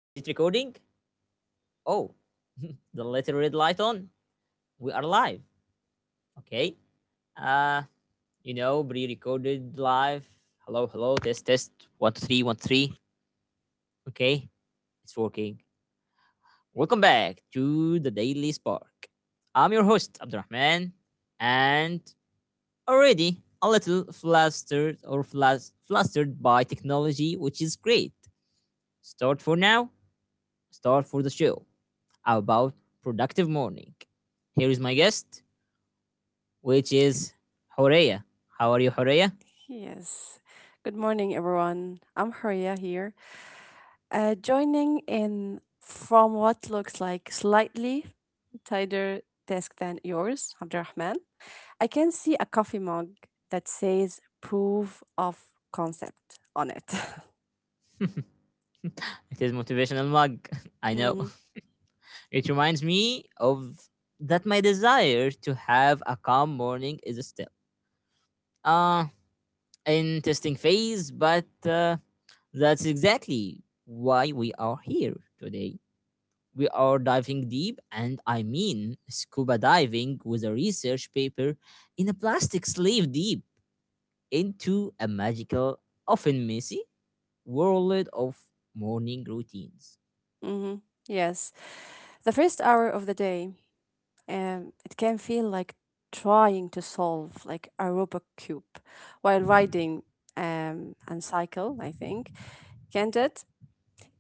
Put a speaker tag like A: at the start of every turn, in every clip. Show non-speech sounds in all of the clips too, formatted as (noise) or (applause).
A: is it recording? Oh, (laughs) the little red light on. We are live. Okay. Uh pre-recorded live. Hello, hello, test test one two three one two, three. Okay, it's working. Welcome back to the Daily Spark. I'm your host, Abdurrahman, and already a little flustered or flustered by technology, which is great. Start for now star for the show about productive morning. Here is my guest, which is Horea. How are you, Horea?
B: Yes. Good morning, everyone. I'm Haria here, joining in from what looks like slightly tighter desk than yours, Abdurrahman. I can see a coffee mug that says proof of concept on it. (laughs)
A: (laughs) It is motivational mug. (laughs) I know.
B: Mm-hmm.
A: It reminds me of that my desire to have a calm morning is still uh in testing phase, but that's exactly why we are here today. We are diving deep, and I mean scuba diving with a research paper in a plastic sleeve deep into a magical, often messy world of morning routines.
B: Mm-hmm. Yes. The first hour of the day, it can feel like trying to solve like a Rubik cube while riding and cycle, I think. Candid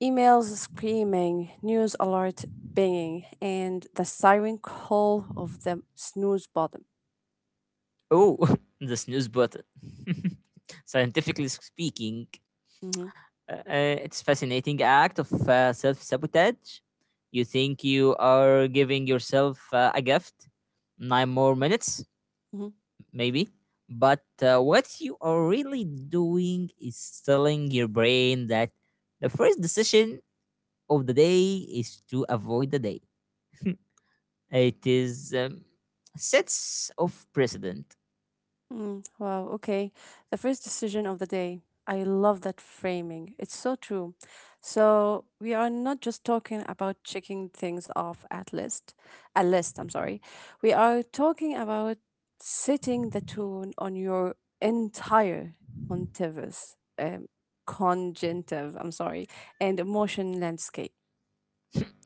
B: emails screaming, news alert binging, and the siren call of the snooze button.
A: Oh, (laughs) the snooze button. (laughs) Scientifically speaking,
B: Mhm.
A: it's fascinating act of self sabotage. You think you are giving yourself a gift? Nine more minutes?
B: Mhm.
A: Maybe. But what you are really doing is telling your brain that the first decision of the day is to avoid the day. (laughs) It is sets of precedent.
B: Mm, wow, okay. The first decision of the day. I love that framing. It's so true. So we are not just talking about checking things off a list, I'm sorry. We are talking about setting the tone on your entire contiguous, um, congenitive, I'm sorry, and emotion landscape.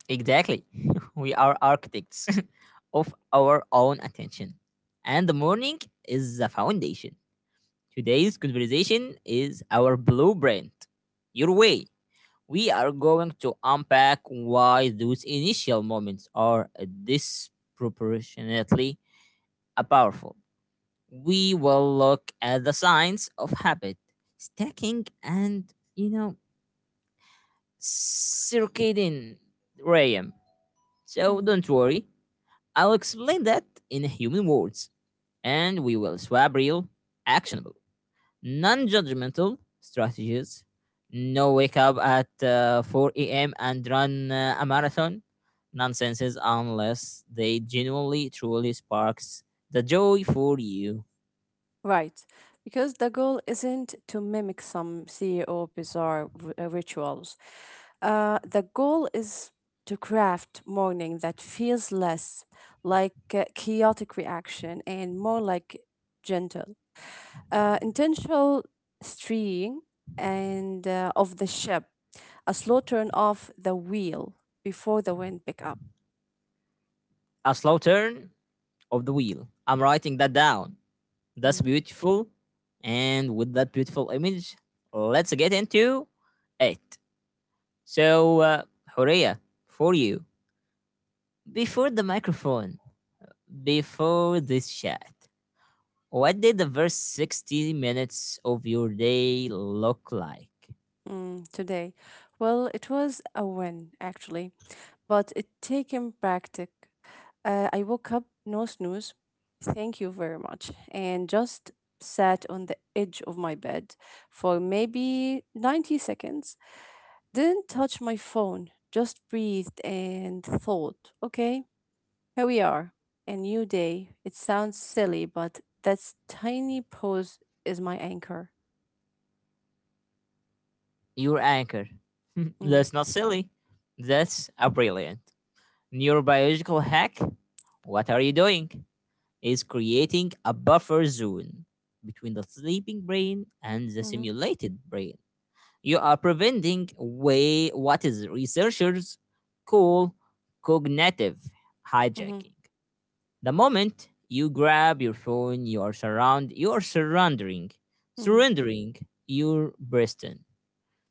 A: Exactly. (laughs) We are architects (laughs) of our own attention. And the morning is the foundation. Today's conversation is our blueprint, your way. We are going to unpack why those initial moments are disproportionately powerful. We will look at the signs of habit, stacking, and, you know, circadian rhythm. So
B: Hmm.
A: don't worry, I'll explain that in human words, and we will swap real, actionable non judgmental strategies. No wake up at 4 a.m. and run a marathon. Nonsenses unless they genuinely truly sparks the joy for you.
B: Right, because the goal isn't to mimic some CEO bizarre rituals. The goal is to craft mourning that feels less like a chaotic reaction and more like gentle, intentional steering and of the ship, a slow turn off the wheel before the wind pick up.
A: A slow turn of the wheel. I'm writing that down. That's
B: Mm.
A: beautiful. And with that beautiful image, let's get into it. So, Horea, for you, before the microphone, before this chat. What did the first 60 minutes of your day look like?
B: Today, well, it was a win actually but it taken practice. I woke up, no snooze, thank you very much, and just sat on the edge of my bed for maybe 90 seconds. Didn't touch my phone, just breathed and thought, okay, here we are, a new day. It sounds silly, but that tiny pause is my anchor.
A: Your anchor. (laughs)
B: Mhm.
A: That's not silly. That's a brilliant neurobiological hack. What are you doing? Is creating a buffer zone between the sleeping brain and the
B: Mhm.
A: simulated brain. You are preventing way what is researchers call cognitive
B: Mhm.
A: hijacking. The moment you grab your phone, you are
B: Mhm.
A: surrendering your Preston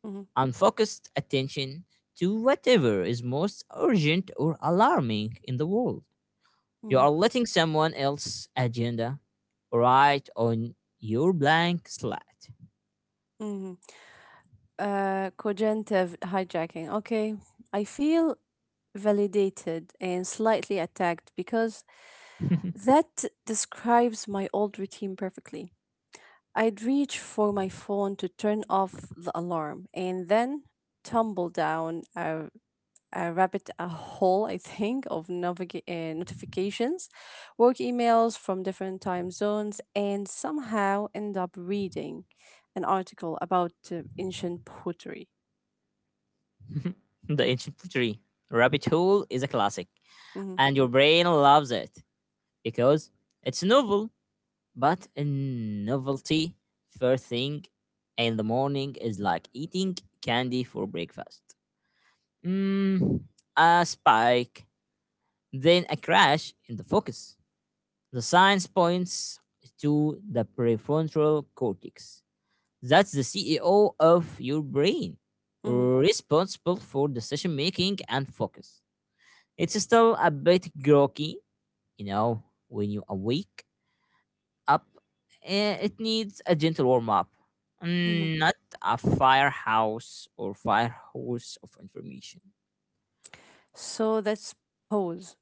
B: Mhm.
A: unfocused attention to whatever is most urgent or alarming in the world. You
B: Mhm.
A: are letting someone else's agenda write on your blank slate.
B: Mhm. Cognitive hijacking. Okay, I feel validated and slightly attacked because
A: (laughs) The
B: that describes my old routine perfectly. I'd reach for my phone to turn off the alarm and then tumble down a rabbit a hole, I think, (laughs) of notifications, work emails from different time zones, and somehow end up reading an article about ancient pottery.
A: ancient tree rabbit hole is a classic,
B: Hmm.
A: and your brain loves it because it's novel. But in novelty, first thing in the morning is like eating candy for breakfast. Mm, a spike, then a crash in the focus. The science points to the prefrontal cortex. That's the CEO of your brain,
B: Hmm.
A: responsible for decision making and focus. It's still a bit groggy, you know, when you awake up, eh, it needs a gentle warm up,
B: Hmm.
A: mm, not a firehouse or firehose of information.
B: So that's pause,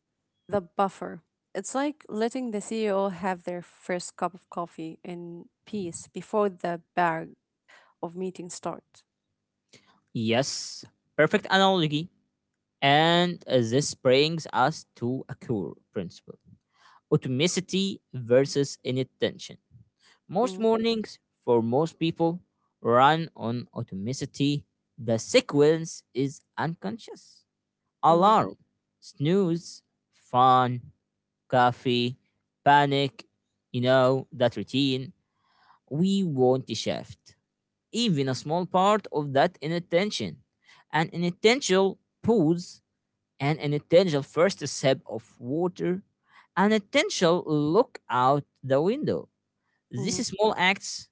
B: the buffer. It's like letting the CEO have their first cup of coffee in peace before the bag of meetings start.
A: Yes, perfect analogy. And this brings us to a core principle automaticity versus inattention. Most
B: Mm.
A: mornings, for most people, run on automaticity. The sequence is unconscious.
B: Mhm.
A: Alarm, snooze, fun, coffee, panic, you know, that routine. We want to shift even a small part of that inattention. An inattentional pause, an inattentional first sip of water, an intentional look out the window.
B: Mhm.
A: These small acts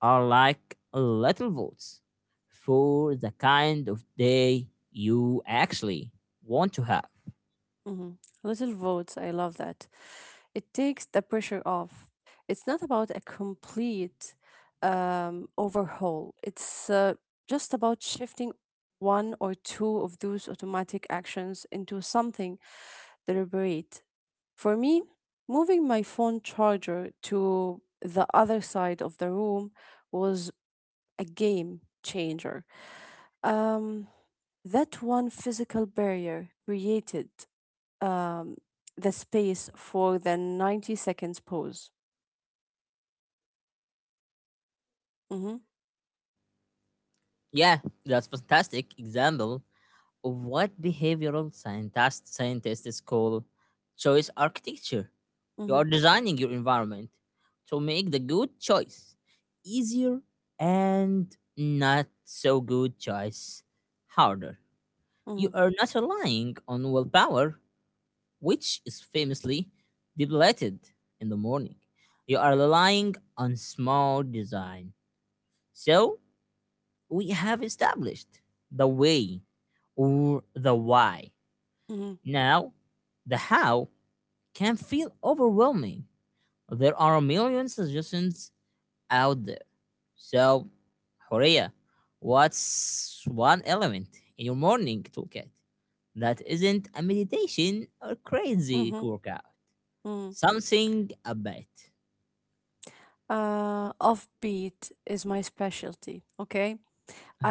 A: are like little votes for the kind of day you actually want to have.
B: Mhm. Little votes, I love that. It takes the pressure off. It's not about a complete overhaul. It's just about shifting one or two of those automatic actions into something deliberate. For me, moving my phone charger to the other side of the room was a game changer. Um, that one physical barrier created um, the space for the 90 seconds pause. Mm-hmm.
A: Yeah, that's fantastic example of what scientists call choice architecture. You
B: Mm-hmm.
A: are designing your environment to make the good choice easier and not so good choice harder.
B: Mm-hmm.
A: You are not relying on willpower, which is famously depleted in the morning. You are relying on small design. So we have established the way or the why.
B: Mm-hmm.
A: Now, the how can feel overwhelming. There are a million suggestions out there. So, Horea, what's one element in your morning toolkit that isn't a meditation or crazy
B: Mm-hmm.
A: workout?
B: Mm-hmm.
A: Something a bit. (laughs)
B: Offbeat is my specialty, okay?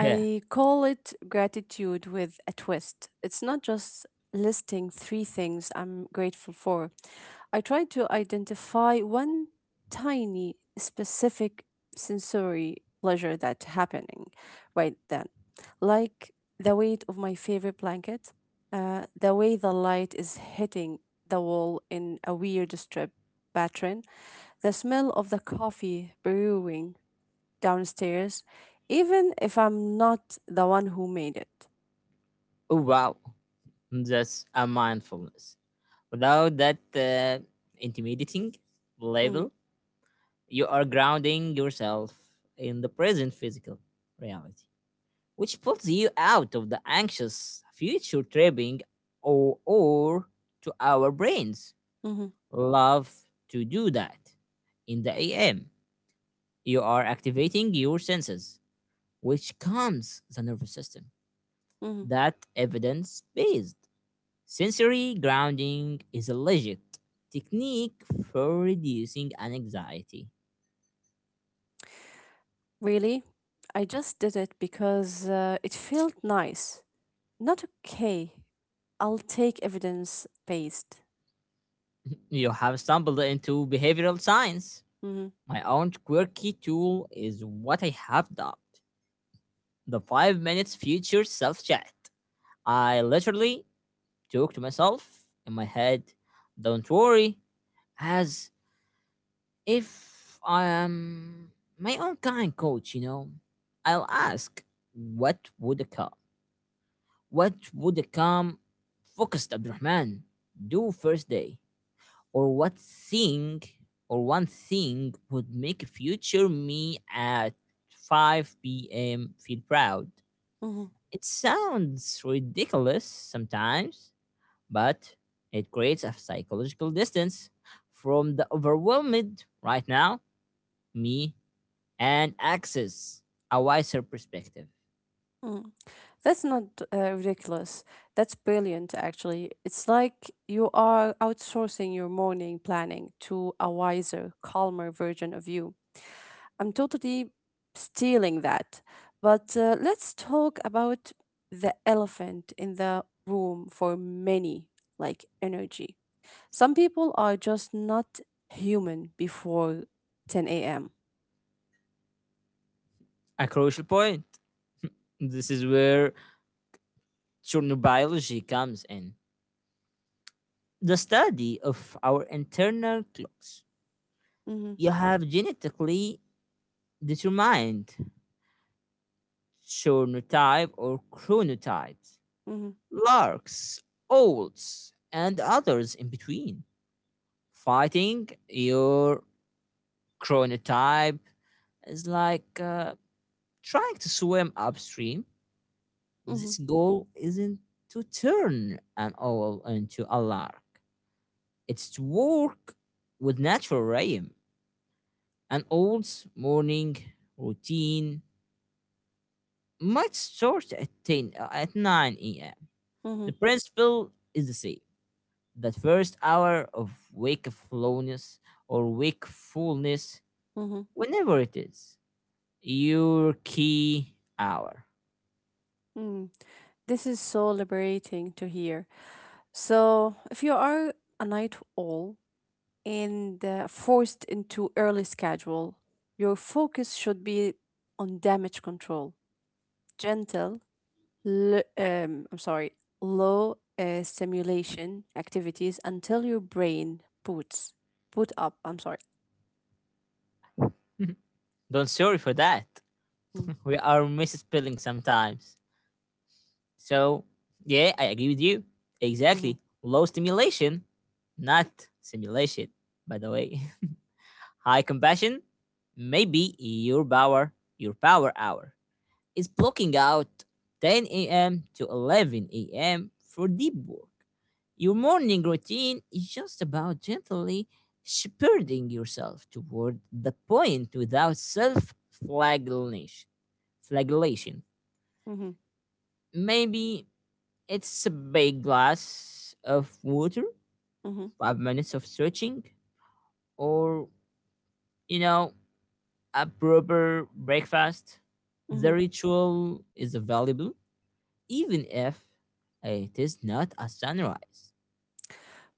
A: Yeah.
B: call it gratitude with a twist. It's not just listing three things I'm grateful for. I try to identify one tiny specific sensory pleasure that's happening right then. Like the weight of my favorite blanket, the way the light is hitting the wall in a weird strip pattern, the smell of the coffee brewing downstairs, even if I'm not the one who made it.
A: Oh, wow. That's a mindfulness. Without that intimidating
B: Mm.
A: label, you are grounding yourself in the present physical reality, which pulls you out of the anxious future tripping or to our brains.
B: Mhm.
A: Love to do that. In the AM, you are activating your senses, which calms the nervous system.
B: Mhm.
A: That evidence based sensory grounding is a legit technique for reducing anxiety.
B: Really? I just did it because it felt nice. Not okay. I'll take evidence based.
A: You have stumbled into behavioral science.
B: Mhm.
A: My own quirky tool is what I have dubbed the 5 minutes future self chat. I literally talk to myself in my head, don't worry, as if I am my own kind coach, you know. I'll ask, what would a calm, what would a calm, focused Abdurrahman do first day? Or what thing or one thing would make future me at 5 p.m. feel proud.
B: Mhm.
A: It sounds ridiculous sometimes, but it creates a psychological distance from the overwhelmed right now me and access a wiser perspective.
B: Mhm. That's not ridiculous. That's brilliant, actually. It's like you are outsourcing your morning planning to a wiser, calmer version of you. I'm totally stealing that. But let's talk about the elephant in the room for many, like energy. Some people are just not human before 10 a.m.
A: A crucial point. This is where chronobiology comes in. The study of our internal clocks
B: Hmm.
A: you have genetically determined chronotypes,
B: Hmm.
A: larks, olds, and others in between. Fighting your chronotype is like trying to swim upstream. This
B: Hmm.
A: goal isn't to turn an owl into a lark. It's to work with natural rhythm, an old's morning routine might start at 10 uh, at 9 a.m.
B: Hmm.
A: The principle is the same. That first hour of wakefulness,
B: Hmm.
A: whenever it is, your key hour.
B: Mm. This is so liberating to hear. So, if you are a night owl and forced into early schedule, your focus should be on damage control gentle, I'm sorry, low stimulation activities until your brain boot up. I'm sorry.
A: (laughs) Don't sorry for that.
B: Mm.
A: (laughs) We are misspelling sometimes. So, yeah, I agree with you.
B: Mhm.
A: Exactly. Low stimulation, not simulation, by the way. (laughs) High compassion, maybe your power hour. Is blocking out 10 a.m. to 11 a.m. for deep work. Your morning routine is just about gently shepherding yourself toward the point without self Flagellation.
B: Mhm.
A: Maybe it's a big glass of water,
B: Mhm.
A: 5 minutes of stretching, or, you know, a proper breakfast.
B: Mhm.
A: The ritual is available even if hey, it is not a sunrise.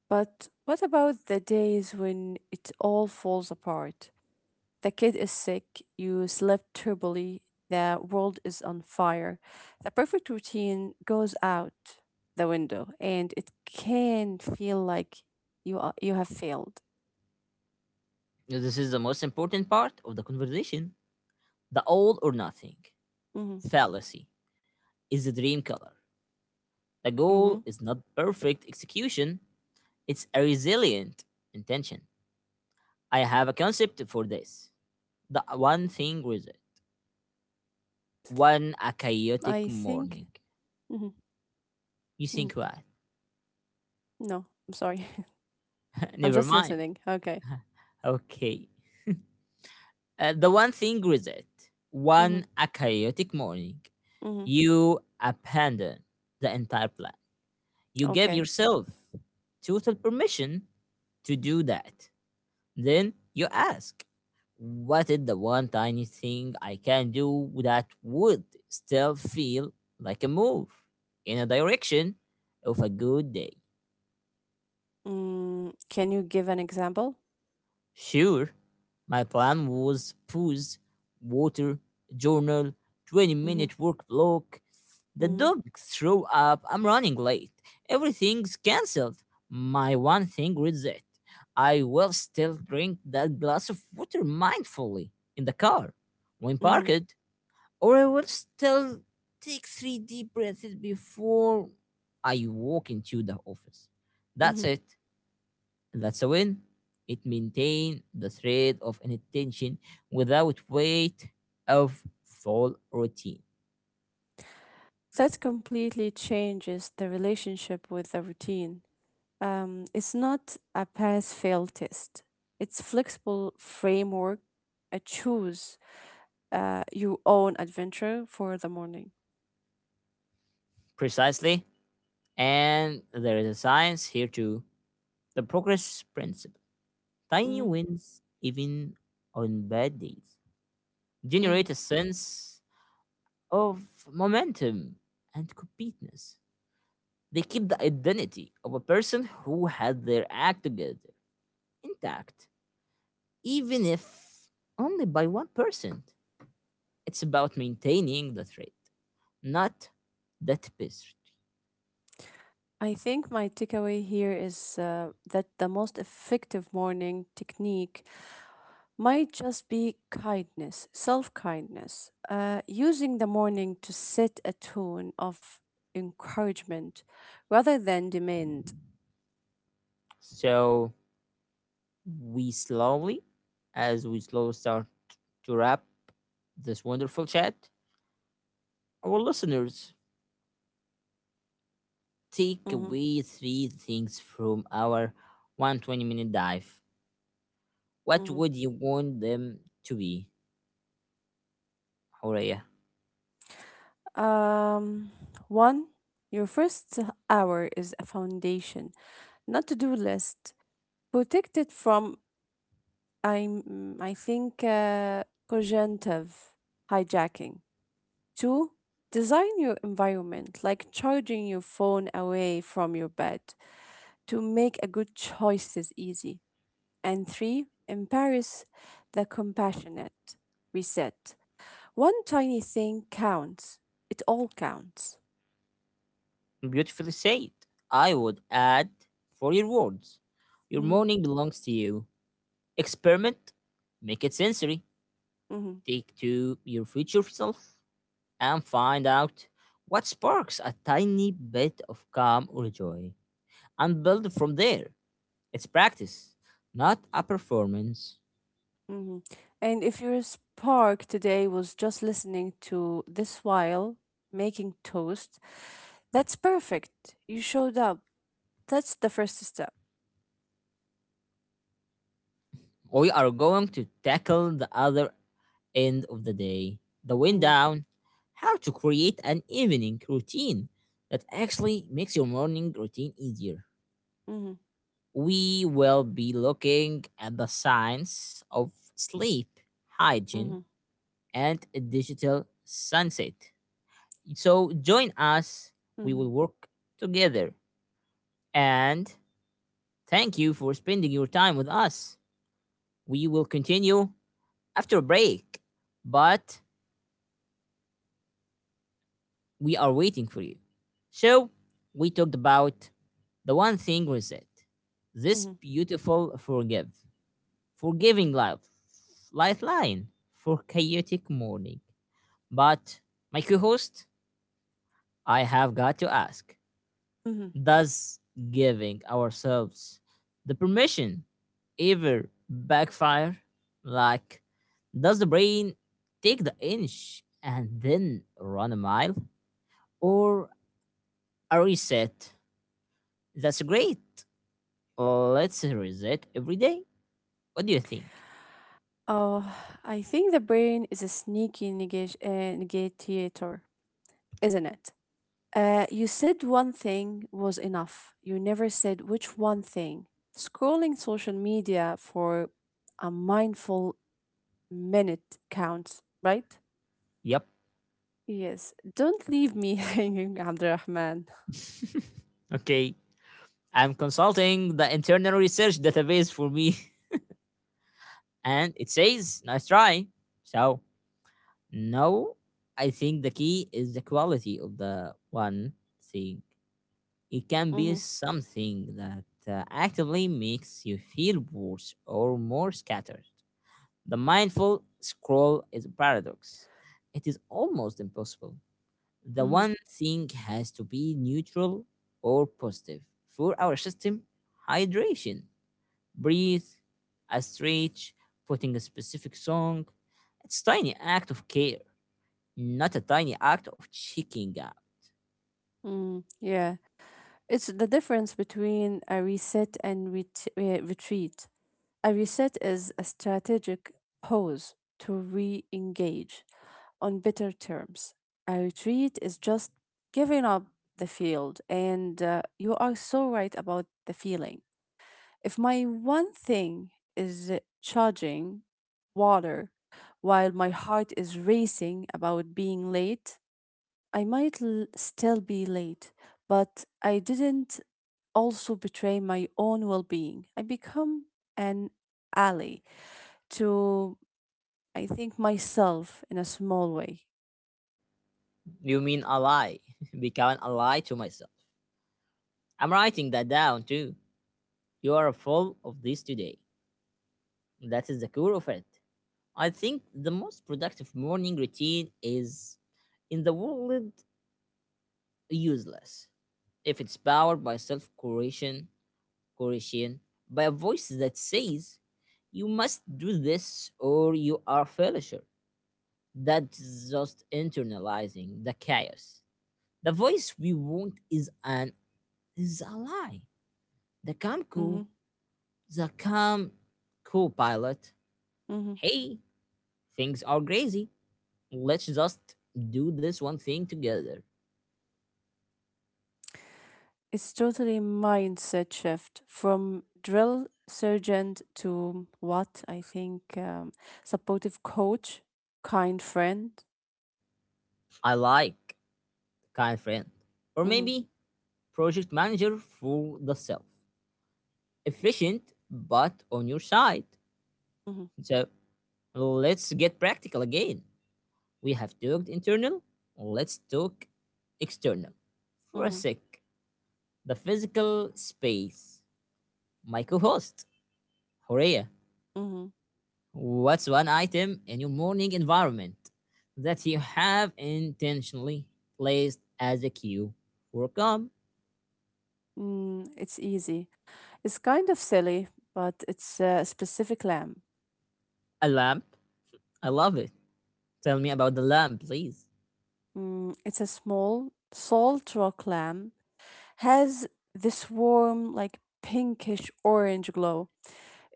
B: But what about the days when it all falls apart? The kid is sick, you slept terribly, the world is on fire. The perfect routine goes out the window and it can feel like you have failed.
A: This is the most important part of the conversation. The all or nothing
B: Hmm.
A: fallacy is the dream color. The
B: Hmm.
A: goal is not perfect execution, it's a resilient
B: Yes.
A: intention. I have a concept for this. The one thing with it.
B: I think.
A: One a
B: Mm-hmm.
A: chaotic morning.
B: Mm-hmm.
A: You think what?
B: No, I'm sorry. (laughs) I'm
A: (laughs)
B: just
A: Never
B: listening.
A: mind.
B: Okay.
A: Okay. The one thing regret.
B: Mm-hmm.
A: One a chaotic morning.
B: Mm-hmm.
A: You abandon the entire plan. You gave
B: Okay.
A: yourself total permission to do that. Then you ask, what is the one tiny thing I can do that would still feel like a move in a direction of a good day?
B: Mm, can you give an example?
A: Sure, my plan was food, water, journal, 20
B: Mm-hmm.
A: minute work block. The
B: Mm-hmm.
A: dogs show up, I'm running late. Everything's cancelled. My one thing reads it. I will still drink that glass of water mindfully in the car when
B: Mm-hmm.
A: parked, or I will still take three deep breaths before I walk into the office.
B: Mm-hmm.
A: That's it. And that's a win. It maintained the thread of an attention without weight of full routine.
B: That completely changes the relationship with the routine. It's not a pass fail test. It's flexible framework. I choose your own adventure for the morning.
A: Precisely. And there is a science here too. The progress principle. Tiny
B: Mm-hmm.
A: wins, even on bad days,
B: Mm-hmm.
A: generate a sense of momentum and completeness. They keep the identity of a person who had their act together intact, even if only by 1%. It's about maintaining the trade, not the tapestry.
B: I think my takeaway here is that the most effective morning technique might just be kindness, self kindness, using the morning to set a tone of encouragement rather than demand.
A: So we slowly, we slowly start to wrap this wonderful chat, our listeners take
B: Mhm.
A: away three things from our 120-minute dive. What
B: Mhm.
A: would you want them to be, Horea?
B: Um, One, your first hour is a foundation, not to do list. Protect it from, I think, cognitive hijacking. Two, design your environment, like charging your phone away from your bed to make a good choice is easy. And three, embrace the compassionate reset. One tiny thing counts. It all counts.
A: Beautifully said. I would add for your words. Your
B: Hmm.
A: morning belongs to you. Experiment, make it sensory.
B: Hmm.
A: Take to your future self and find out what sparks a tiny bit of calm or joy and build from there. It's practice, not a performance.
B: Hmm. And if your spark today was just listening to this while making toast, that's perfect. You showed up. That's the first step.
A: We are going to tackle the other end of the day, the wind
B: Hmm.
A: down, how to create an evening routine that actually makes your morning routine easier.
B: Hmm.
A: We will be looking at the science of sleep hygiene
B: Hmm.
A: and a digital sunset. So join us, we
B: Hmm.
A: will work together. And thank you for spending your time with us. We will continue after a break, but we are waiting for you. So we talked about the one thing reset, this
B: Hmm.
A: beautiful forgiving lifeline for chaotic morning. But my co-host, I have got to ask,
B: Hmm.
A: thus giving ourselves the permission ever backfire, like does the brain take the inch and then run a mile, or a reset that's great, let's reset every day, what do you think?
B: Oh, I think the brain is a sneaky negotiator, isn't it? You said one thing was enough. You never said which one thing. Scrolling social media for a mindful minute counts, right?
A: Yep.
B: Yes, don't leave me (laughs) hanging, Abdurrahman.
A: (laughs) Okay, I'm consulting the internal research database for me and it says nice try. So no, I think the key is the quality of the one thing. It can be
B: Mm-hmm.
A: something that actively makes you feel worse or more scattered. The mindful scroll is a paradox. It is almost impossible. The
B: Mm-hmm.
A: one thing has to be neutral or positive. For our system, hydration, breathe, a stretch, putting a specific song. It's tiny act of care not a tiny act of checking out.
B: Mm. Yeah. It's the difference between a reset and retreat. A reset is a strategic pause to re engage on better terms. A retreat is just giving up the field, and you are so right about the feeling. If my one thing is charging water while my heart is racing about being late, still be late, but I didn't also betray my own well being. I become an ally to I think myself in a small way.
A: You mean a lie. (laughs) Becoming a lie to myself. I'm writing that down too. You are full of this today. That is the core of it. I think the most productive morning routine is, in the world, useless. If it's powered by self correction, correction, by a voice that says, you must do this or you are a failure. That's just internalizing the chaos. The voice we want is an is a lie. The
B: Hmm.
A: Kamco, the Kam co-pilot.
B: Hmm.
A: Hey, things are crazy. Let's just do this one thing together.
B: It's totally mindset shift from drill sergeant to what I think supportive coach, kind friend.
A: I like kind friend, or
B: Hmm.
A: maybe project manager for the self. Efficient, but on your side.
B: Hmm.
A: So let's get practical again. We have talked internal. Let's talk external for a
B: Hmm.
A: sec. The physical space. My co host, Horea,
B: Hmm.
A: what's one item in your morning environment that you have intentionally placed as a cue for calm?
B: Mm, it's easy. It's kind of silly, but it's a specific lamb.
A: A lamp? I love it. Tell me about the lamp, please.
B: Mm, it's a small salt rock lamb. Has this warm, like pinkish orange glow.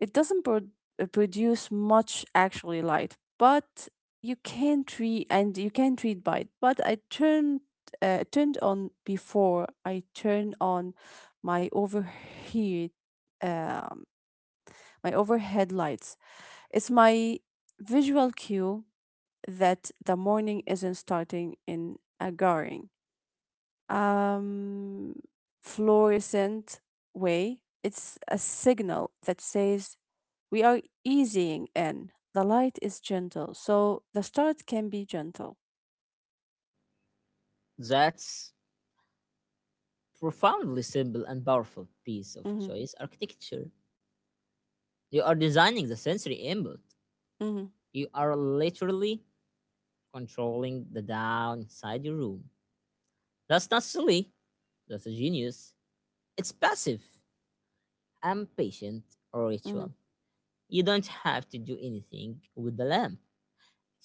B: It doesn't produce much actually light, but you can treat and you can treat by it. But I turned on before I turn on my overheat um, my overhead lights. It's my visual cue that the morning isn't starting in a jarring, um, fluorescent way. It's a signal that says we are easing in. The light is gentle, so the start can be gentle.
A: That's profoundly simple and powerful piece of
B: Mm-hmm.
A: choice architecture. You are designing the sensory input.
B: Mm-hmm.
A: You are literally controlling the down inside your room. That's not silly. That's a genius. It's passive. I'm patient or
B: Mm-hmm.
A: ritual. You don't have to do anything with the lamp.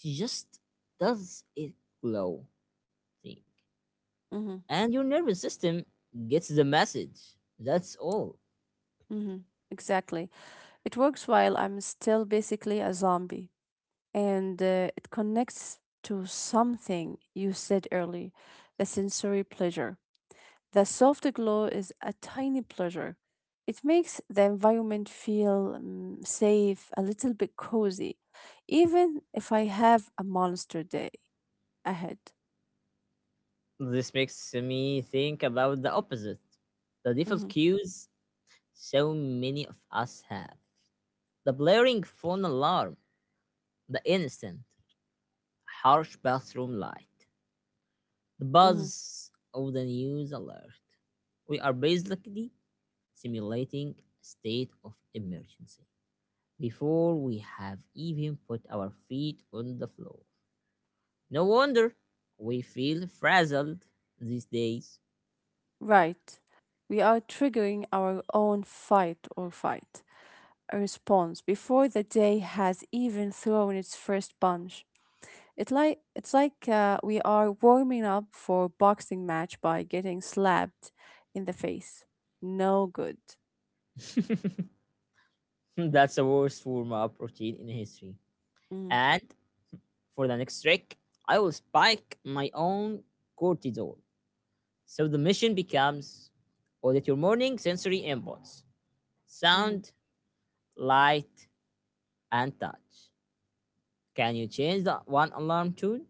A: It just does it glow thing.
B: Mm-hmm.
A: And your nervous system gets the message. That's all.
B: Mm-hmm. Exactly. It works while I'm still basically a zombie, and it connects to something you said early the sensory pleasure. The soft glow is a tiny pleasure. It makes the environment feel mm, safe, a little bit cozy, even if I have a monster day ahead.
A: This makes me think about the opposite. The
B: Mm-hmm.
A: default cues so many of us have. The blaring phone alarm, the instant, harsh bathroom light, the
B: Mhm.
A: buzz of the news alert. We are basically simulating a state of emergency before we have even put our feet on the floor. No wonder we feel frazzled these days.
B: Right. We are triggering our own fight or fight a response before the day has even thrown its first punch. It's like we are warming up for a boxing match by getting slapped in the face. No good.
A: (laughs) That's the worst form of protein in history.
B: Mm-hmm.
A: And for the next trick, I will spike my own cortisol. So the mission becomes audit your morning sensory inputs
B: Mm-hmm.
A: sound, light, and touch. Can you change the one alarm tune?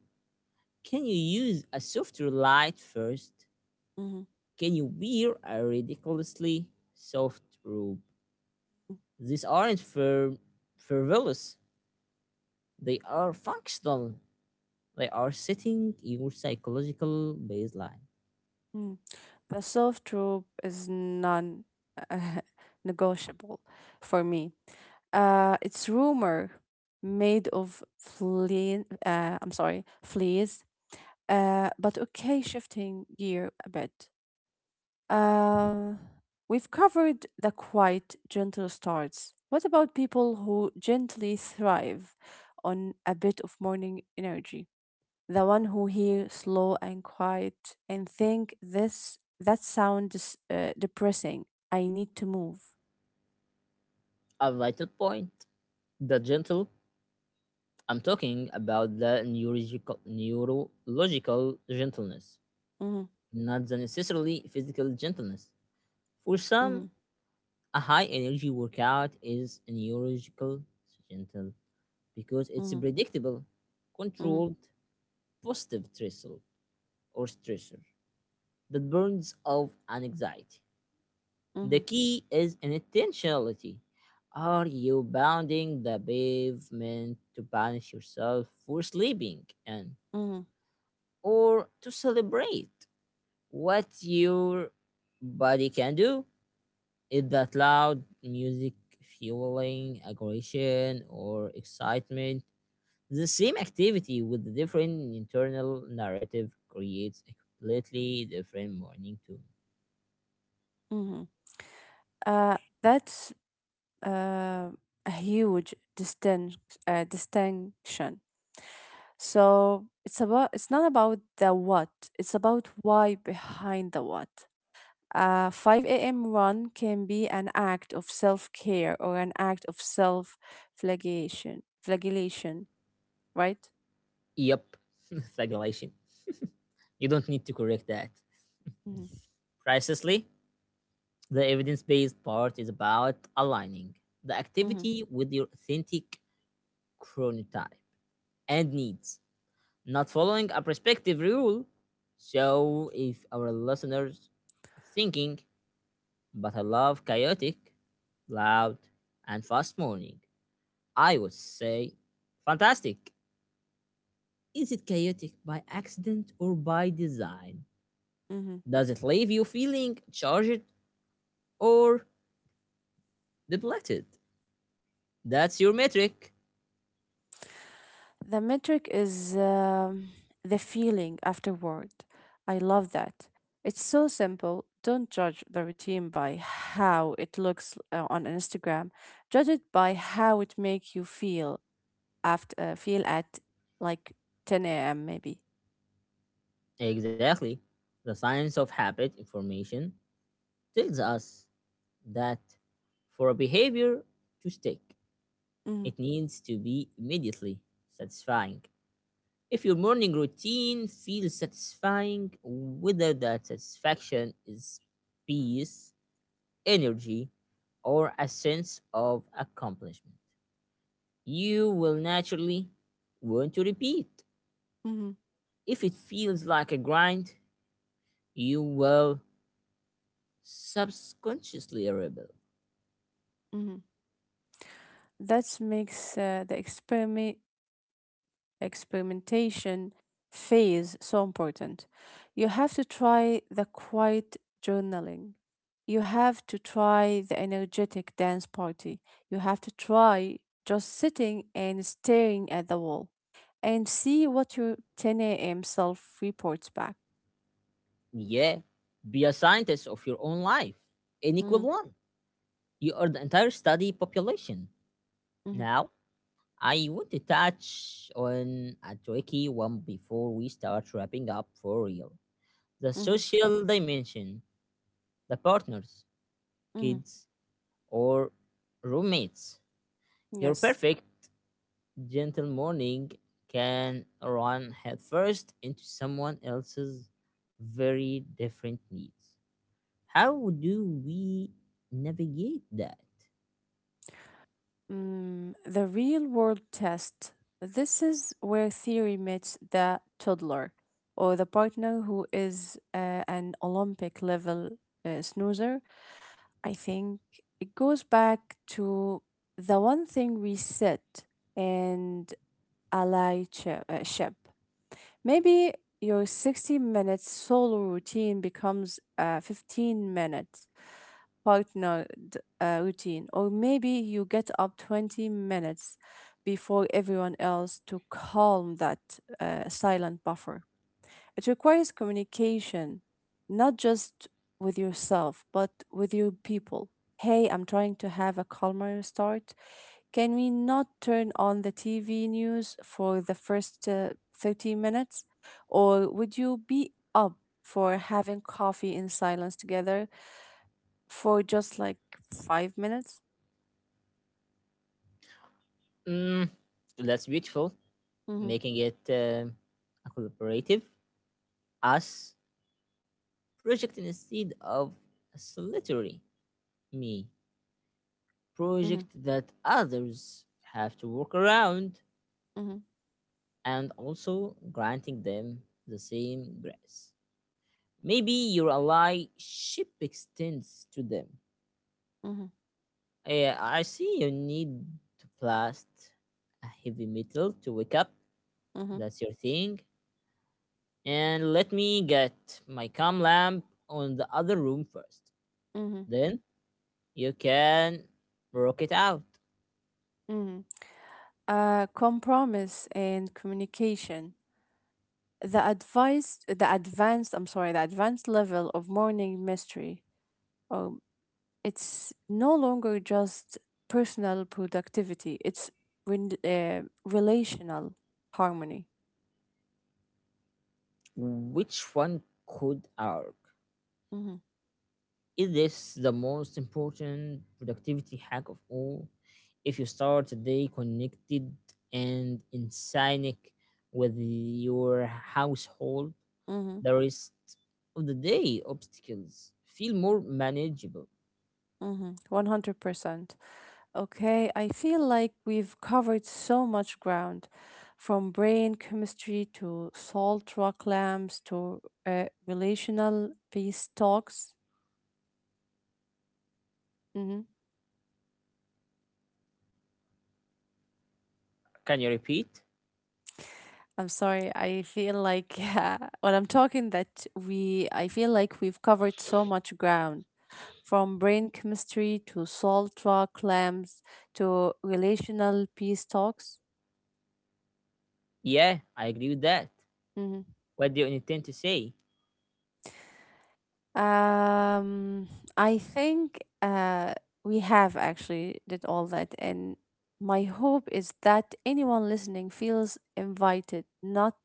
A: Can you use a softer light first?
B: Mm-hmm.
A: Can you wear a ridiculously soft robe? These aren't frivolous. They are functional. They are setting your psychological baseline.
B: Mm. The self troop is non (laughs) negotiable for me. It's rumor made of flea. I'm sorry, fleas. But okay, shifting gear a bit. Uh, we've covered the quiet, gentle starts. What about people who gently thrive on a bit of morning energy? The one who hear slow and quiet and think this that sound is depressing. I need to move.
A: A vital point. The gentle. I'm talking about the neurological gentleness,
B: Mhm.
A: not the necessarily physical gentleness. For some,
B: Mhm.
A: a high energy workout is neurological gentle because it's a
B: Mhm.
A: predictable,
B: Mhm.
A: controlled, positive stressor that burns off an anxiety.
B: Mhm.
A: The key is an intentionality. Are you bounding the pavement to punish yourself for sleeping and
B: Mhm.
A: or to celebrate what your body can do? Is that loud music fueling aggression or excitement? The same activity with the different internal narrative creates a completely different morning tune.
B: Mhm. Uh, that's uh, a huge distinction. So it's about it's not about the what, it's about why behind the what. A 5 a.m. run can be an act of self care or an act of flagellation, right?
A: Yep, (laughs) flagellation. You don't need to correct that.
B: Hmm.
A: Precisely, the evidence based part is about aligning the
B: Hmm.
A: activity with your authentic chronotype and needs, not following a prescriptive rule. So, if our listeners thinking, but I love chaotic, loud, and fast morning, I would say fantastic. Is it chaotic by accident or by design?
B: Hmm.
A: Does it leave you feeling charged or depleted? That's your metric.
B: The metric is the feeling afterward. I love that. It's so simple. Don't judge the routine by how it looks on Instagram. Judge it by how it makes you feel after feel at like 10 a.m. maybe.
A: Exactly. The science of habit information tells us that for a behavior to stick,
B: Hmm.
A: it needs to be immediately satisfying. If your morning routine feels satisfying, whether that satisfaction is peace, energy, or a sense of accomplishment. You will naturally want to repeat.
B: Hmm.
A: If it feels like a grind, you will subconsciously rebel.
B: Hmm. That makes the experiment experimentation phase so important. You have to try the quiet journaling. You have to try the energetic dance party. You have to try just sitting and staring at the wall and see what your 10 a.m. self reports back.
A: Yeah, be a scientist of your own life. N
B: Mm-hmm.
A: equal one. You are the entire study population.
B: Mm-hmm.
A: Now, I want to touch on a tricky one before we start wrapping up for real. The
B: Mm-hmm.
A: social dimension, the partners,
B: Mm-hmm.
A: kids, or roommates. Your
B: Yes.
A: perfect gentle morning can run headfirst into someone else's very different needs. How do we navigate that?
B: Mm, the real world test. This is where theory meets the toddler or the partner who is an Olympic level snoozer. I think it goes back to the one thing we said and allyship. Ship. Maybe your 60 minutes solo routine becomes 15 minutes partnered routine, or maybe you get up 20 minutes before everyone else to calm that silent buffer. It requires communication, not just with yourself, but with your people. Hey, I'm trying to have a calmer start. Can we not turn on the TV news for the first 30 minutes? Or would you be up for having coffee in silence together? For just like 5 minutes.
A: Mm, that's beautiful,
B: Hmm.
A: making it a collaborative us project instead of a solitary me
B: Hmm.
A: project that others have to work around.
B: Hmm.
A: And also granting them the same grace. Maybe your allyship extends to them.
B: Hmm.
A: I see you need to blast a heavy metal to wake up.
B: Hmm.
A: That's your thing. And let me get my cam lamp on the other room first.
B: Hmm.
A: Then you can rock it out.
B: Hmm. Compromise and communication. The advice, the advanced, I'm sorry, the advanced level of morning mystery. Um, it's no longer just personal productivity. It's relational harmony.
A: Which one could arc?
B: Hmm
A: Is this the most important productivity hack of all? If you start the day connected and in sync with your household,
B: hmm
A: the rest of the day obstacles feel more manageable.
B: Mm-hmm. 100%. Okay, I feel like we've covered so much ground from brain chemistry to salt rock lamps to relational peace talks. Mm-hmm.
A: Can you repeat?
B: I'm sorry, I feel like (laughs) when I'm talking I feel like we've covered so much ground from brain chemistry to salt rock lamps to relational peace talks.
A: Yeah, I agree with that.
B: Mhm.
A: What do you intend to say?
B: Um, I think we have actually did all that, and my hope is that anyone listening feels invited, not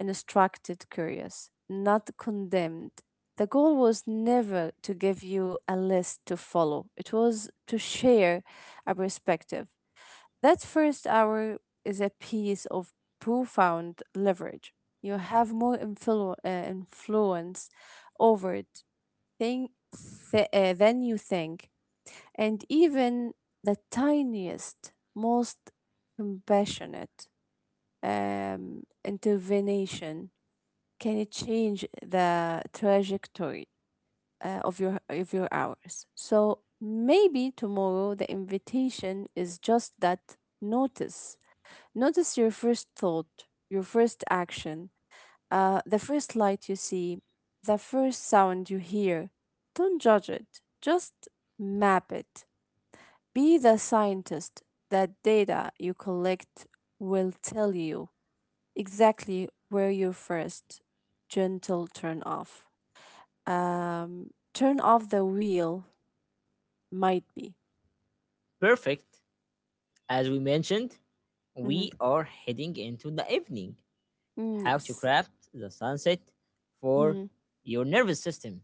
B: instructed, curious, not condemned. The goal was never to give you a list to follow. It was to share a perspective. That first hour is a piece of profound leverage. You have more influence over it. Think, than you think. And even the tiniest, most compassionate intervention can change the trajectory of your hours. So maybe tomorrow the invitation is just that: notice. Notice your first thought, your first action, the first light you see, the first sound you hear. Don't judge it, just map it. Be the scientist. The data you collect will tell you exactly where your first gentle turn off. Turn off the wheel might be.
A: Perfect. As we mentioned,
B: Hmm
A: we are heading into the evening.
B: Mm,
A: How to
B: yes.
A: craft the sunset for
B: hmm
A: your nervous system.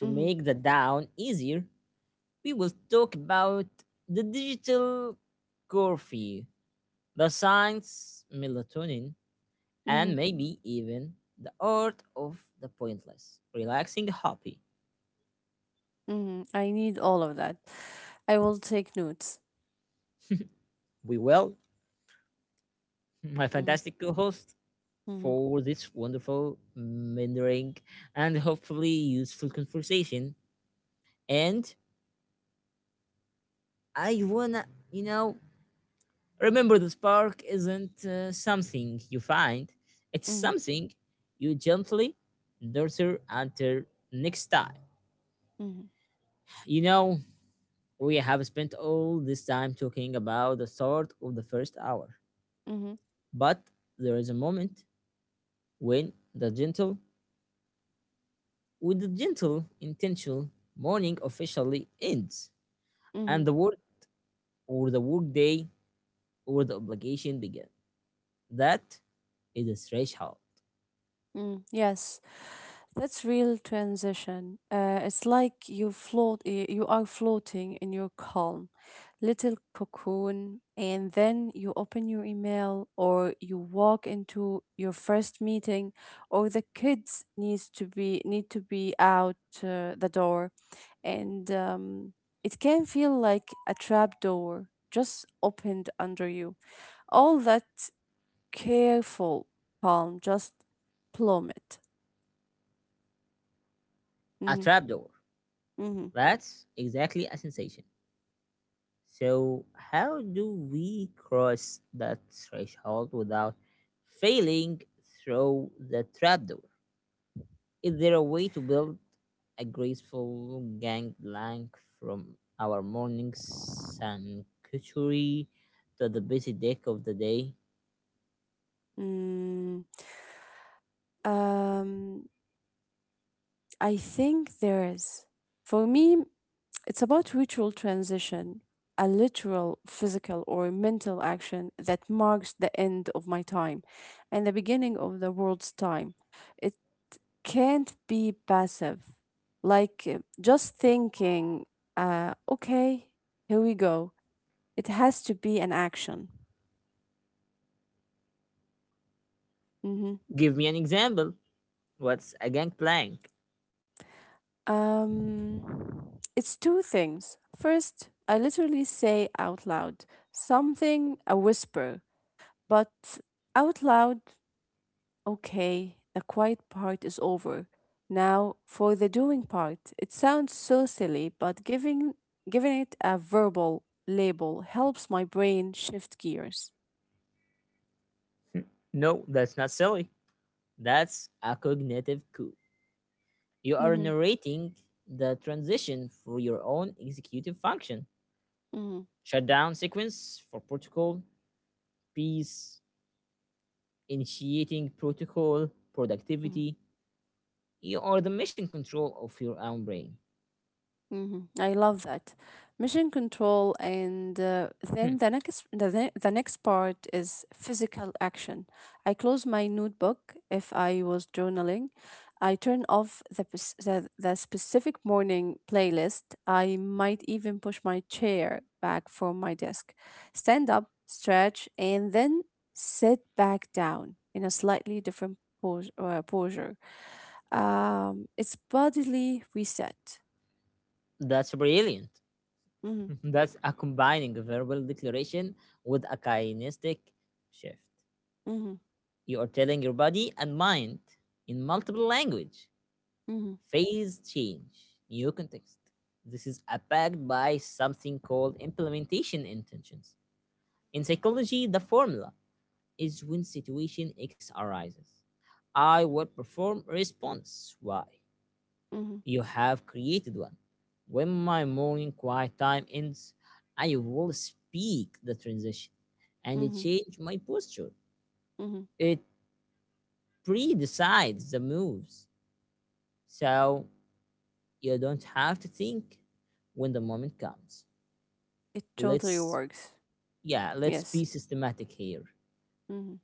A: To
B: hmm
A: make the down easier, we will talk about the digital coffee, the science, melatonin, and
B: hmm
A: maybe even the art of the pointless, relaxing happy.
B: hmm I need all of that. I will take notes.
A: We will, (laughs) my
B: Hmm
A: fantastic co-host,
B: hmm
A: for this wonderful mentoring and hopefully useful conversation. And I wanna, you know, remember, the spark isn't something you find, it's
B: hmm
A: something you gently nurture until next time.
B: hmm
A: You know, we have spent all this time talking about the start of the first hour,
B: hmm
A: but there is a moment when with the gentle intentional morning officially ends,
B: hmm
A: and the work day or the obligation begins. That is a threshold,
B: Mm, yes, that's real transition. It's like you float, you are floating in your calm little cocoon, and then you open your email, or you walk into your first meeting, or the kids needs to be need to be out the door, and it can feel like a trap door just opened under you. All that careful calm just plummet.
A: a
B: Mhm.
A: trapdoor.
B: Mhm.
A: That's exactly a sensation. So, how do we cross that threshold without failing through the trapdoor? Is there a way to build a graceful gangplank from our morning sanctuary to the busy deck of the day?
B: Mm. Um, I think there is. For me, it's about ritual transition, a literal, physical, or mental action that marks the end of my time and the beginning of the world's time. It can't be passive, like just thinking, okay, here we go. It has to be an action. Mhm.
A: Give me an example. What's a gangplank?
B: Um, it's two things. First, I literally say out loud something, a whisper, but out loud, okay, the quiet part is over. Now, for the doing part, it sounds so silly, but giving it a verbal label helps my brain shift gears.
A: No, that's not silly. That's a cognitive coup. You are
B: Mm-hmm,
A: narrating the transition for your own executive function.
B: mm-hmm.
A: Shutdown sequence for protocol, peace, initiating protocol, productivity. You are the mission control of your own brain.
B: Mhm. I love that. Mission control, and
A: Hmm.
B: then the next part is physical action. I close my notebook if I was journaling. I turn off the specific morning playlist. I might even push my chair back from my desk, stand up, stretch, and then sit back down in a slightly different posture. It's bodily reset.
A: That's brilliant.
B: Hmm
A: (laughs) That's a combining a verbal declaration with a kinesthetic shift.
B: hmm
A: You are telling your body and mind in multiple language.
B: Mhm.
A: Phase change, new context. This is backed by something called implementation intentions. In psychology, the formula is when situation X arises, I will perform response Y.
B: Mhm.
A: You have created one. When my morning quiet time ends, I will speak the transition and it
B: Mhm.
A: change my posture.
B: Mhm.
A: It pre decides the moves. So you don't have to think when the moment comes.
B: It totally
A: Let's,
B: works.
A: yeah, let's
B: Yes.
A: be systematic here.
B: Mhm.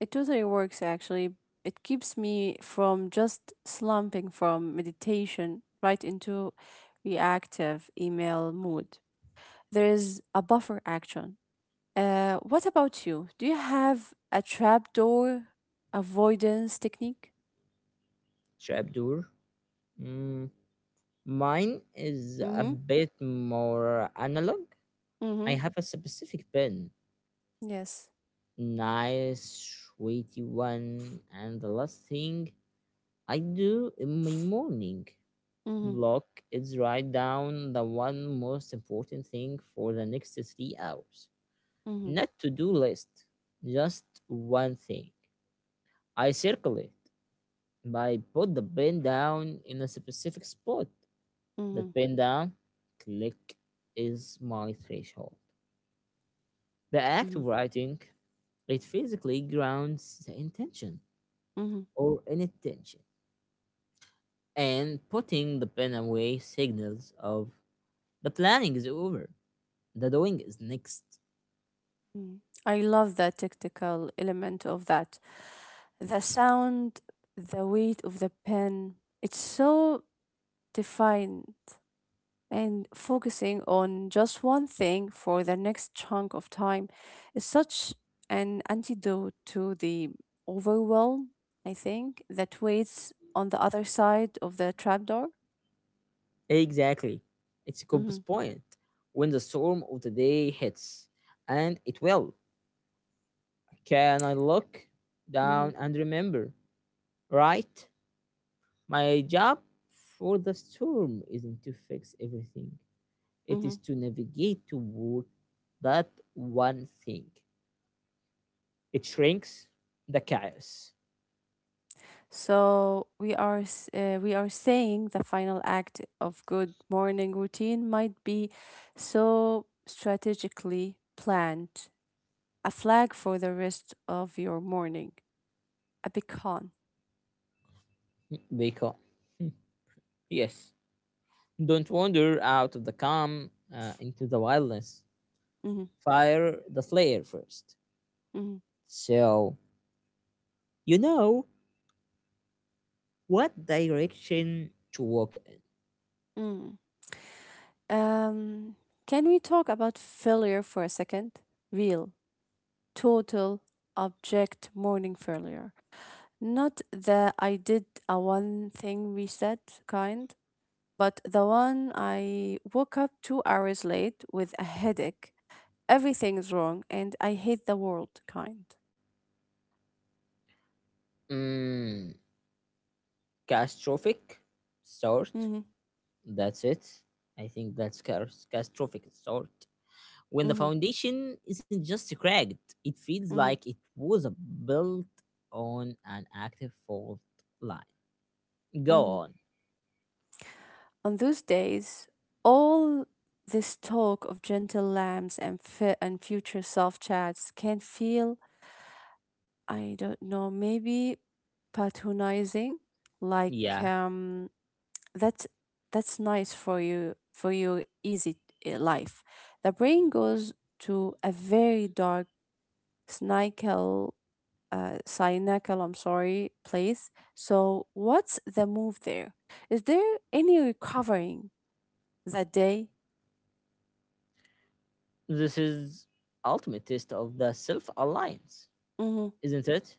B: It totally works actually. It keeps me from just slumping from meditation right into reactive email mood. There is a buffer action. What about you? Do you have a trapdoor avoidance technique?
A: Shabdur, mm, mine is a
B: Mm-hmm.
A: bit more analog.
B: Mm-hmm.
A: I have a specific pen,
B: Yes.
A: nice, sweetie one, and the last thing I do in my morning
B: Mm-hmm.
A: block is write down the one most important thing for the next 3 hours.
B: Mm-hmm.
A: Not to do list, just one thing. I circle it by put the pen down in a specific spot.
B: Mm-hmm.
A: That pen down, click, is my threshold. The act
B: Mm-hmm.
A: of writing, it physically grounds the intention or inattention, and putting the pen away signals of the planning is over, the doing is next.
B: Mm. I love the tactical element of that. The sound, the weight of the pen, it's so defined. And focusing on just one thing for the next chunk of time is such an antidote to the overwhelm, I think, that waits on the other side of the trapdoor.
A: Exactly, it's a
B: Mm-hmm,
A: compass point when the storm of the day hits, and it will. Can I look
B: mm-hmm,
A: down and remember? Right? My job for the storm isn't to fix everything,
B: mm-hmm.
A: it is to navigate toward that one thing. It shrinks the chaos.
B: So we are saying the final act of good morning routine might be so strategically planned, a flag for the rest of your morning, a beacon.
A: They call. Yes. Don't wander out of the calm into the wildness.
B: Hmm
A: Fire the flare first.
B: hmm
A: So, you know what direction to walk in.
B: mm. Um, can we talk about failure for a second? Real, total, object morning failure. Not the I did a one thing reset kind, but the one I woke up 2 hours late with a headache. Everything is wrong, and I hate the world kind.
A: Mm, catastrophic? Start.
B: Hmm
A: That's it. I think that's catastrophic sort. When the
B: hmm
A: foundation isn't just cracked, it feels
B: hmm
A: like it was built on an active fault line. Go
B: hmm
A: on.
B: On those days, all this talk of gentle lambs and and future self chats can feel, I don't know, maybe patronizing, like
A: Yeah.
B: that's nice for you, for your easy life. The brain goes to a very dark Snikel, Cynacle, I'm sorry, place. So, what's the move there? Is there any recovering that day?
A: This is ultimate test of the self-alliance,
B: Mm-hmm,
A: isn't it?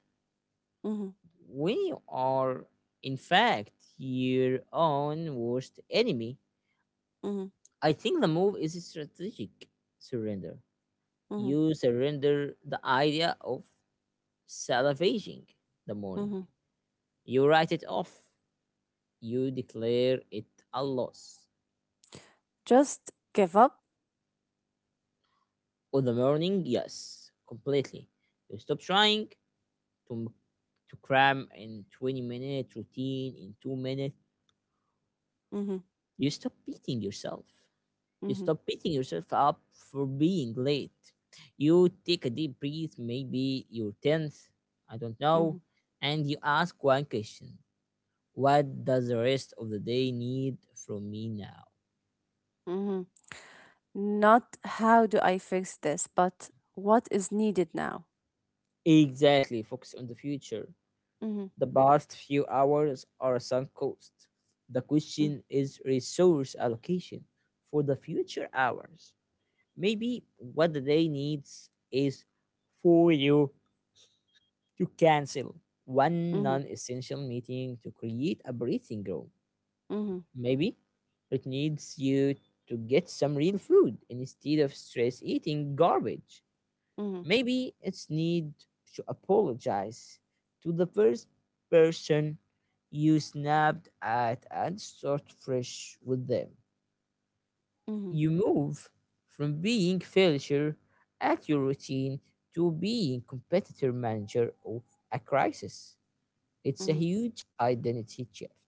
B: mm-hmm,
A: When you are, in fact, your own worst enemy,
B: mm-hmm,
A: I think the move is a strategic surrender.
B: mm-hmm,
A: You surrender the idea of salvaging the morning.
B: mm-hmm.
A: You write it off. You declare it a loss.
B: Just give up?
A: On the morning, yes, completely. You stop trying to to cram in 20-minute routine in 2 minutes.
B: Mm-hmm,
A: You stop beating yourself. You
B: mm-hmm,
A: stop beating yourself up for being late. You take a deep breath, maybe your 10th, I don't know,
B: mm-hmm,
A: and you ask one question: what does the rest of the day need from me now?
B: mm-hmm. Not how do I fix this, but what is needed now?
A: Exactly, focus on the future.
B: Mm-hmm,
A: The past few hours are a sunk cost. The
B: mm-hmm,
A: question is resource allocation for the future hours. Maybe what the day needs is for you to cancel one non essential meeting to create a breathing room.
B: mm-hmm,
A: Maybe it needs you to get some real food instead of stress eating garbage.
B: mm-hmm, mm-hmm,
A: Maybe it's need to apologize to the first person you snapped at and start fresh with them.
B: mm-hmm.
A: You move from being failure at your routine to being competitor manager of a crisis. It's a
B: Mm-hmm.
A: huge identity shift.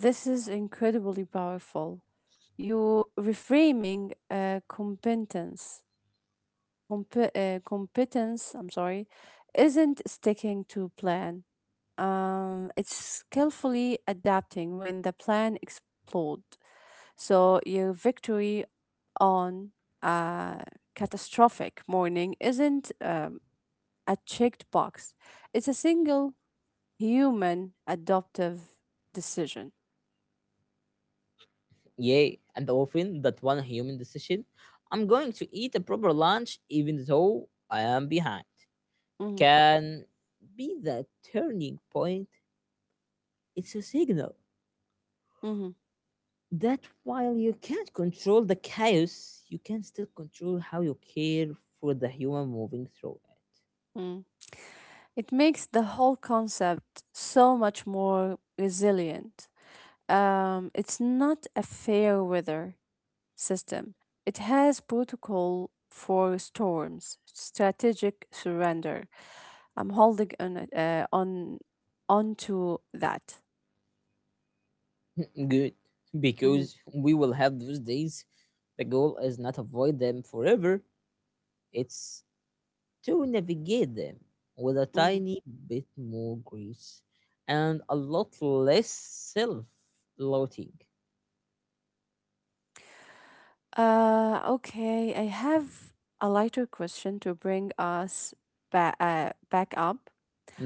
B: This is incredibly powerful. You reframing competence, I'm sorry, isn't sticking to plan. It's skillfully adapting when the plan explodes. So your victory on a catastrophic morning isn't a checked box. It's a single human adoptive decision.
A: Yay, and often that one human decision, I'm going to eat a proper lunch even though I am behind,
B: Hmm
A: can be that turning point, it's a signal
B: hmm
A: that while you can't control the chaos, you can still control how you care for the human moving through
B: Mm. It makes the whole concept so much more resilient. It's not a fair weather system. It has protocol for storms, strategic surrender. I'm holding on onto that.
A: it. (laughs) Good,
B: Mhm,
A: because we will have those days. The goal is not avoid them forever, it's to navigate them with a
B: mhm.
A: tiny bit more grace and a lot less self-loathing.
B: Okay, I have a lighter question to bring us back up.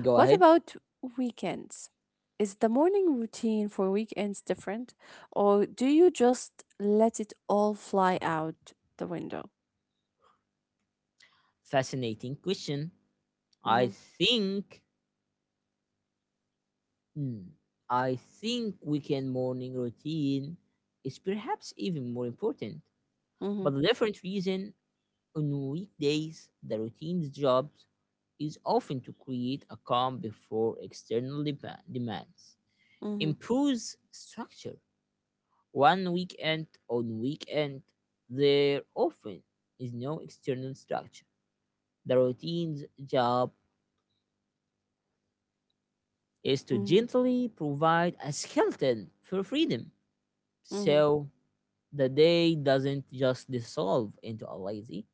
A: Go
B: What
A: ahead.
B: about weekends? Is the morning routine for weekends different, or do you just let it all fly out the window?
A: Fascinating question. I
B: Mm-hmm,
A: think hmm, I think weekend morning routine is perhaps even more important.
B: mm-hmm,
A: But the different reason on weekdays the routine's job is often to create a calm before external demands.
B: mm-hmm,
A: Improves structure. One weekend on weekend there often is no external structure. The routine's job is to
B: mm-hmm,
A: gently provide a skeleton for freedom
B: mm-hmm,
A: so the day doesn't just dissolve into a lazy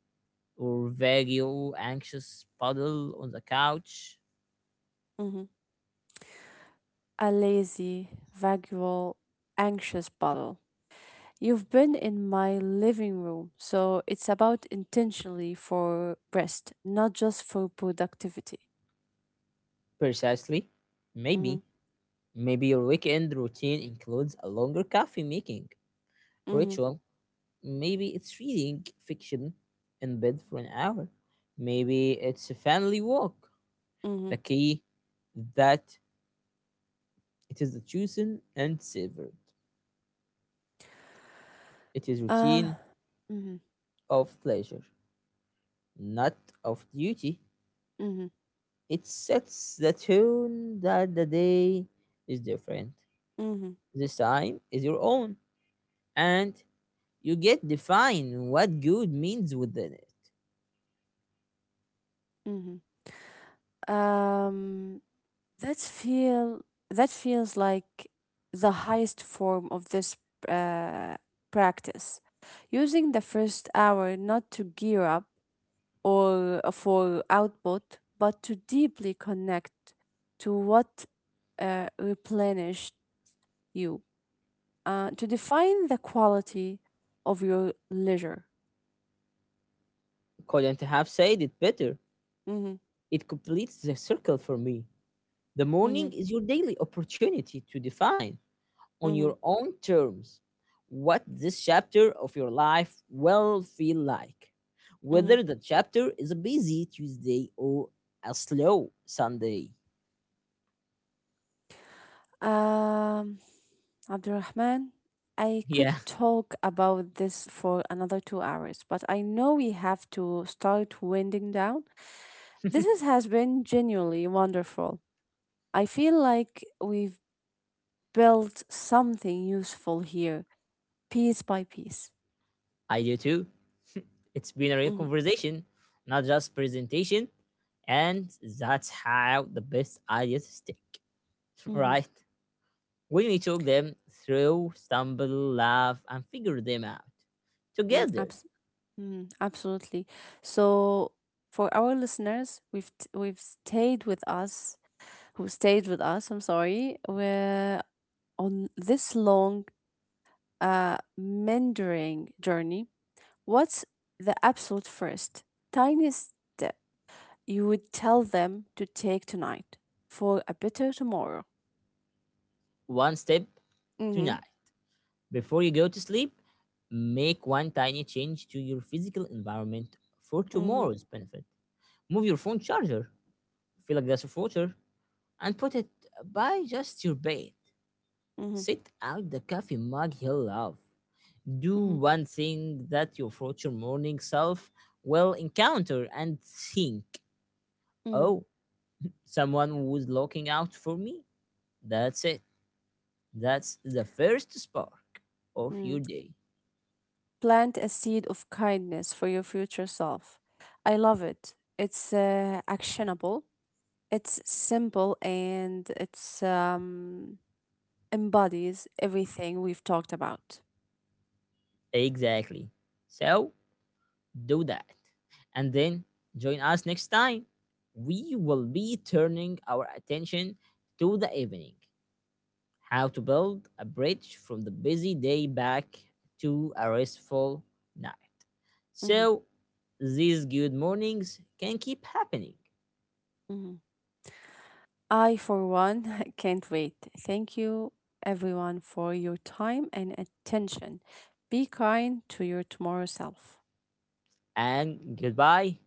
A: or vague or anxious puddle on the couch.
B: mm-hmm. A lazy, vagual, anxious bottle. You've been in my living room, so it's about intentionally for rest, not just for productivity.
A: Precisely.
B: Mm-hmm,
A: Maybe. Maybe your weekend routine includes a longer coffee making
B: mm-hmm,
A: ritual. Maybe it's reading fiction in bed for an hour. Maybe it's a family walk. The
B: mm-hmm.
A: key that it is the chosen and savored. It is
B: Uh,
A: routine
B: mm-hmm,
A: of pleasure, not of duty.
B: mm-hmm,
A: It sets the tone that the day is different.
B: mm-hmm,
A: This time is your own, and you get define what good means within it.
B: mm-hmm. Um, that's feel that feels like the highest form of this uh, practice. Using the first hour not to gear up or for output, but to deeply connect to what replenished you, to define the quality of your leisure.
A: Couldn't have said it better.
B: Mm-hmm,
A: It completes the circle for me. The
B: mm-hmm,
A: morning is your daily opportunity to define on
B: mm-hmm,
A: your own terms what this chapter of your life will feel like.
B: mm-hmm.
A: Whether the chapter is a busy Tuesday or a slow Sunday. (laughs)
B: Um, Abdurrahman, I could
A: Yeah,
B: talk about this for another 2 hours, but I know we have to start winding down. This is, has been genuinely wonderful. I feel like we've built something useful here, piece by piece.
A: I do too. It's been a real
B: Hmm
A: conversation, not just presentation. And that's how the best ideas stick, (laughs)
B: hmm
A: right? When we talk them through, stumble, laugh, and figure them out
B: mm,
A: together,
B: mm, absolutely. So, for our listeners, we've t- we've stayed with us, who stayed with us. I'm sorry, we're on this long mentoring journey, what's the absolute first tiny step you would tell them to take tonight for a better tomorrow?
A: one step
B: Mm-hmm.
A: tonight. Before you go to sleep, make one tiny change to your physical environment for
B: Mm-hmm.
A: tomorrow's benefit. Move your phone charger, fill a glass of water, and put it by just your bed.
B: Mm-hmm.
A: Sit out the coffee mug you love. Do
B: Mm-hmm.
A: one thing that your future morning self will encounter and think,
B: Mm-hmm.
A: oh, someone was looking out for me. That's it. That's the first spark of
B: Mm.
A: your day.
B: Plant a seed of kindness for your future self. I love it. It's actionable. It's simple and it's embodies everything we've talked about.
A: Exactly. So, do that. And then join us next time. We will be turning our attention to the evening, how to build a bridge from the busy day back to a restful night.
B: Mm-hmm.
A: So these good mornings can keep happening.
B: Mm-hmm. I, for one, (laughs) can't wait. Thank you, everyone, for your time and attention. Be kind to your tomorrow self.
A: And goodbye.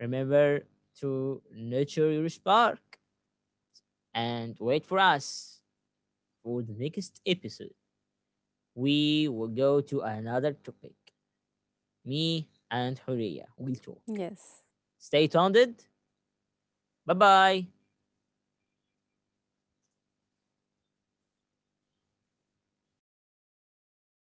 A: Remember to nurture your spark and wait for us for the next episode. We will go to another topic. Me and Huria will talk.
B: Yes.
A: Stay tuned. Bye bye.